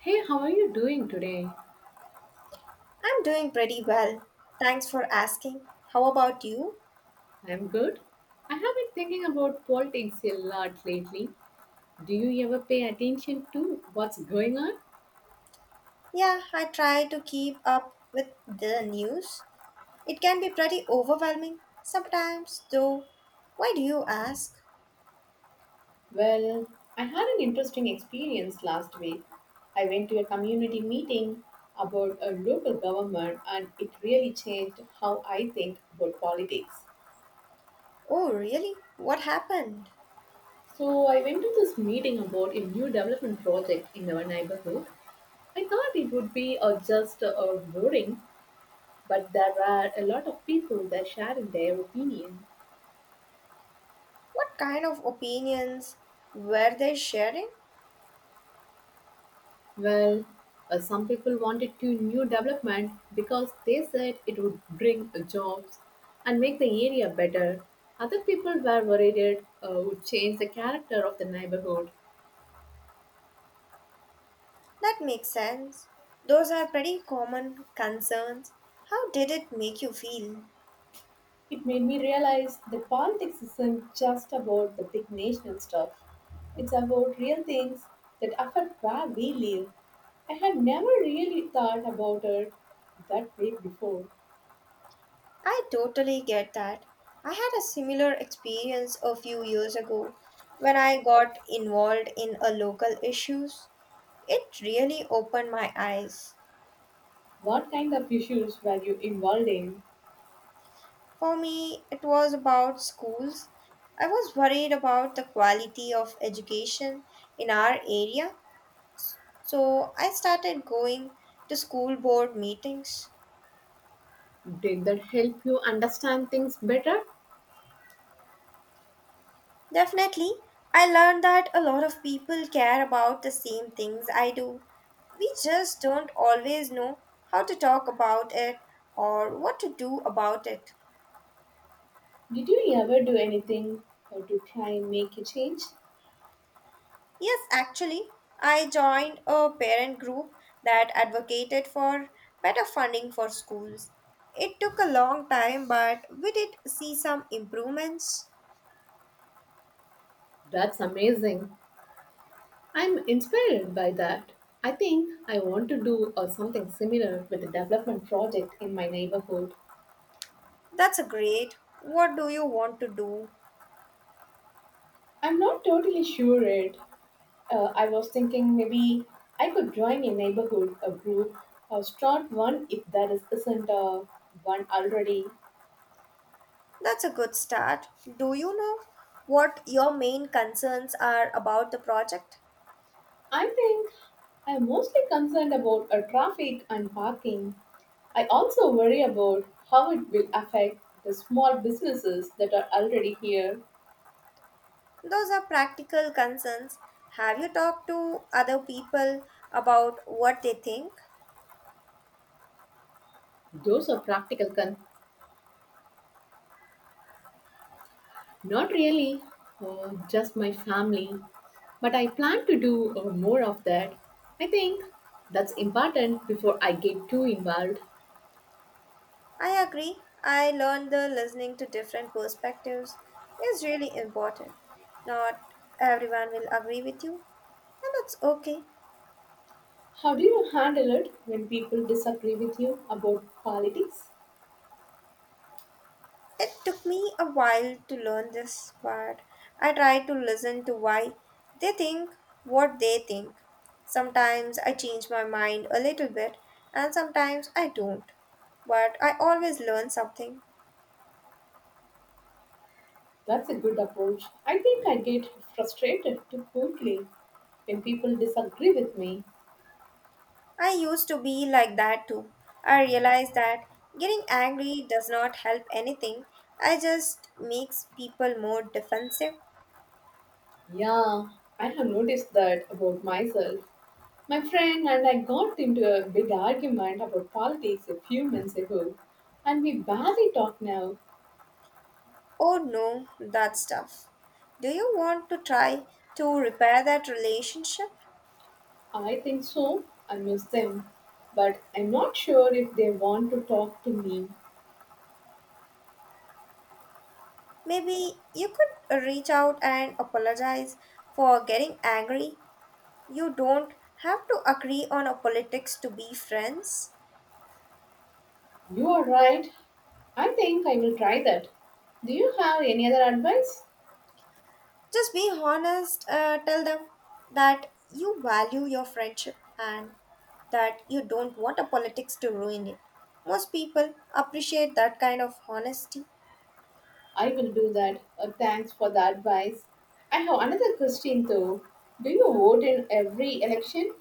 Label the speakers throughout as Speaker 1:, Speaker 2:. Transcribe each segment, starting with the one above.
Speaker 1: Hey, how are you doing today?
Speaker 2: I'm doing pretty well. Thanks for asking. How about you?
Speaker 1: I'm good. I have been thinking about politics a lot lately. Do you ever pay attention to what's going on?
Speaker 2: Yeah, I try to keep up with the news. It can be pretty overwhelming sometimes, though. Why do you ask?
Speaker 1: Well, I had an interesting experience last week. I went to a community meeting about a local government and it really changed how I think about politics.
Speaker 2: Oh, really? What happened?
Speaker 1: So, I went to this meeting about a new development project in our neighborhood. I thought it would be just boring, but there were a lot of people there sharing their opinion.
Speaker 2: What kind of opinions were they sharing?
Speaker 1: Well, some people wanted to new development because they said it would bring jobs and make the area better. Other people were worried it would change the character of the neighborhood.
Speaker 2: That makes sense. Those are pretty common concerns. How did it make you feel?
Speaker 1: It made me realize that politics isn't just about the big national stuff. It's about real things that affect where we live. I had never really thought about it that way before.
Speaker 2: I totally get that. I had a similar experience a few years ago when I got involved in a local issues. It really opened my eyes.
Speaker 1: What kind of issues were you involved in?
Speaker 2: For me, it was about schools. I was worried about the quality of education in our area, so I started going to school board meetings.
Speaker 1: Did that help you understand things better?
Speaker 2: Definitely. I learned that a lot of people care about the same things I do. We just don't always know how to talk about it or what to do about it.
Speaker 1: Did you ever do anything to try and make a change?
Speaker 2: Yes, actually, I joined a parent group that advocated for better funding for schools. It took a long time, but we did see some improvements.
Speaker 1: That's amazing. I'm inspired by that. I think I want to do something similar with a development project in my neighborhood.
Speaker 2: That's a great. What do you want to do?
Speaker 1: I'm not totally sure it. I was thinking maybe I could join a neighborhood a group or start one if there isn't one already.
Speaker 2: That's a good start. Do you know what your main concerns are about the project?
Speaker 1: I think I'm mostly concerned about traffic and parking. I also worry about how it will affect the small businesses that are already here.
Speaker 2: Those are practical concerns. Have you talked to other people about what they think?
Speaker 1: Those are practical con. Not really, just my family. But I plan to do more of that. I think that's important before I get too involved.
Speaker 2: I agree. I learned that listening to different perspectives is really important. Not everyone will agree with you, and that's okay.
Speaker 1: How do you handle it when people disagree with you about politics?
Speaker 2: It took me a while to learn this, but I try to listen to why they think what they think. Sometimes I change my mind a little bit, and sometimes I don't. But I always learn something.
Speaker 1: That's a good approach. I think I get frustrated too quickly when people disagree with me.
Speaker 2: I used to be like that too. I realized that getting angry does not help anything, I just makes people more defensive.
Speaker 1: Yeah, I have noticed that about myself. My friend and I got into a big argument about politics a few months ago, and we barely talk now.
Speaker 2: Oh no, that stuff. Do you want to try to repair that relationship?
Speaker 1: I think so. I miss them. But I'm not sure if they want to talk to me.
Speaker 2: Maybe you could reach out and apologize for getting angry. You don't have to agree on a politics to be friends.
Speaker 1: You are right. I think I will try that. Do you have any other advice?
Speaker 2: Just be honest, tell them that you value your friendship and that you don't want a politics to ruin it. Most people appreciate that kind of honesty.
Speaker 1: I will do that. Thanks for the advice. I have another question though. Do you vote in every election?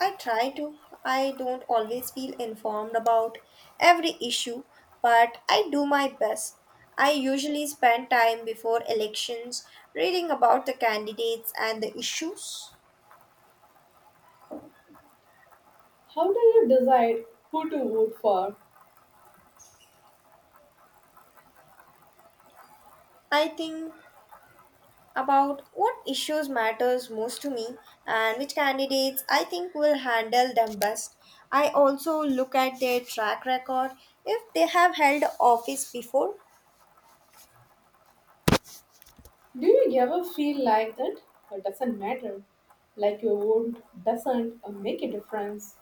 Speaker 2: I try to. I don't always feel informed about every issue, but I do my best. I usually spend time before elections reading about the candidates and the issues.
Speaker 1: How do you decide who to vote for?
Speaker 2: I think about what issues matters most to me and which candidates I think will handle them best. I also look at their track record if they have held office before.
Speaker 1: Do you ever feel like that? It doesn't matter. Like your vote doesn't make a difference.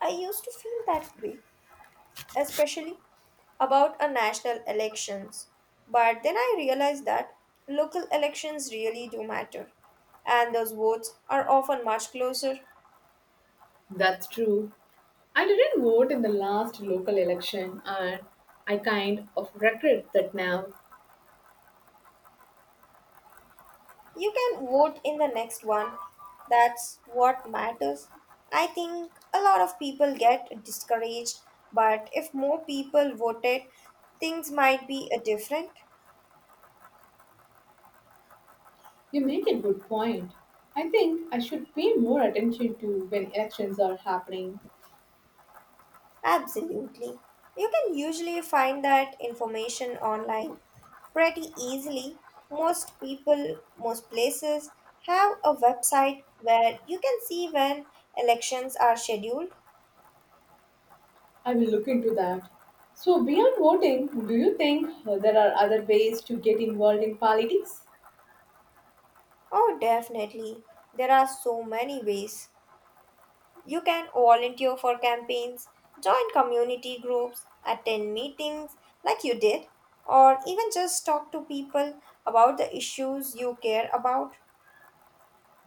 Speaker 2: I used to feel that way especially about a national elections. But then I realized that local elections really do matter, and those votes are often much closer.
Speaker 1: That's true. I didn't vote in the last local election and I kind of regret that now.
Speaker 2: You can vote in the next one. That's what matters. I think a lot of people get discouraged, but if more people voted, things might be different.
Speaker 1: You make a good point. I think I should pay more attention to when elections are happening.
Speaker 2: Absolutely. You can usually find that information online pretty easily. Most people, most places have a website where you can see when elections are scheduled.
Speaker 1: I will look into that. So, beyond voting, do you think there are other ways to get involved in politics?
Speaker 2: Oh, definitely. There are so many ways. You can volunteer for campaigns, join community groups, attend meetings like you did, or even just talk to people about the issues you care about.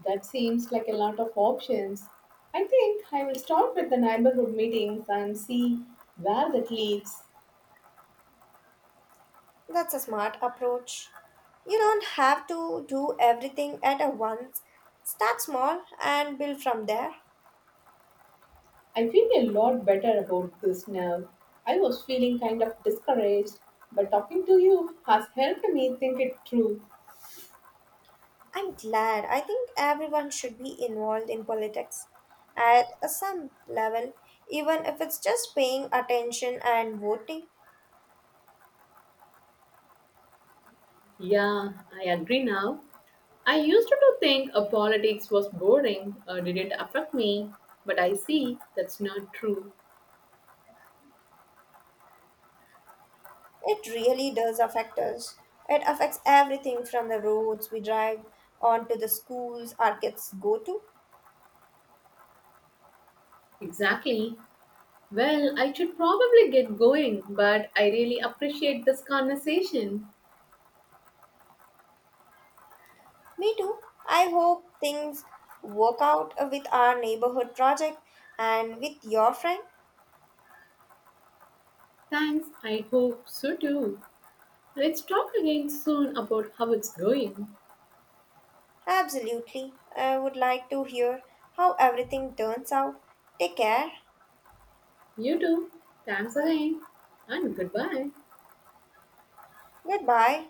Speaker 1: That seems like a lot of options. I think I will start with the neighborhood meetings and see where that leads.
Speaker 2: That's a smart approach. You don't have to do everything at a once. Start small and build from there.
Speaker 1: I feel a lot better about this now. I was feeling kind of discouraged, but talking to you has helped me think it through.
Speaker 2: I'm glad. I think everyone should be involved in politics at a some level, even if it's just paying attention and voting.
Speaker 1: Yeah, I agree now. I used to think politics was boring, didn't affect me, but I see that's not true.
Speaker 2: It really does affect us. It affects everything from the roads we drive on to the schools our kids go to.
Speaker 1: Exactly. Well, I should probably get going, but I really appreciate this conversation.
Speaker 2: Me too. I hope things work out with our neighborhood project and with your friend.
Speaker 1: Thanks, I hope so too. Let's talk again soon about how it's going.
Speaker 2: Absolutely. I would like to hear how everything turns out. Take care.
Speaker 1: You too. Thanks again, and goodbye.
Speaker 2: Goodbye.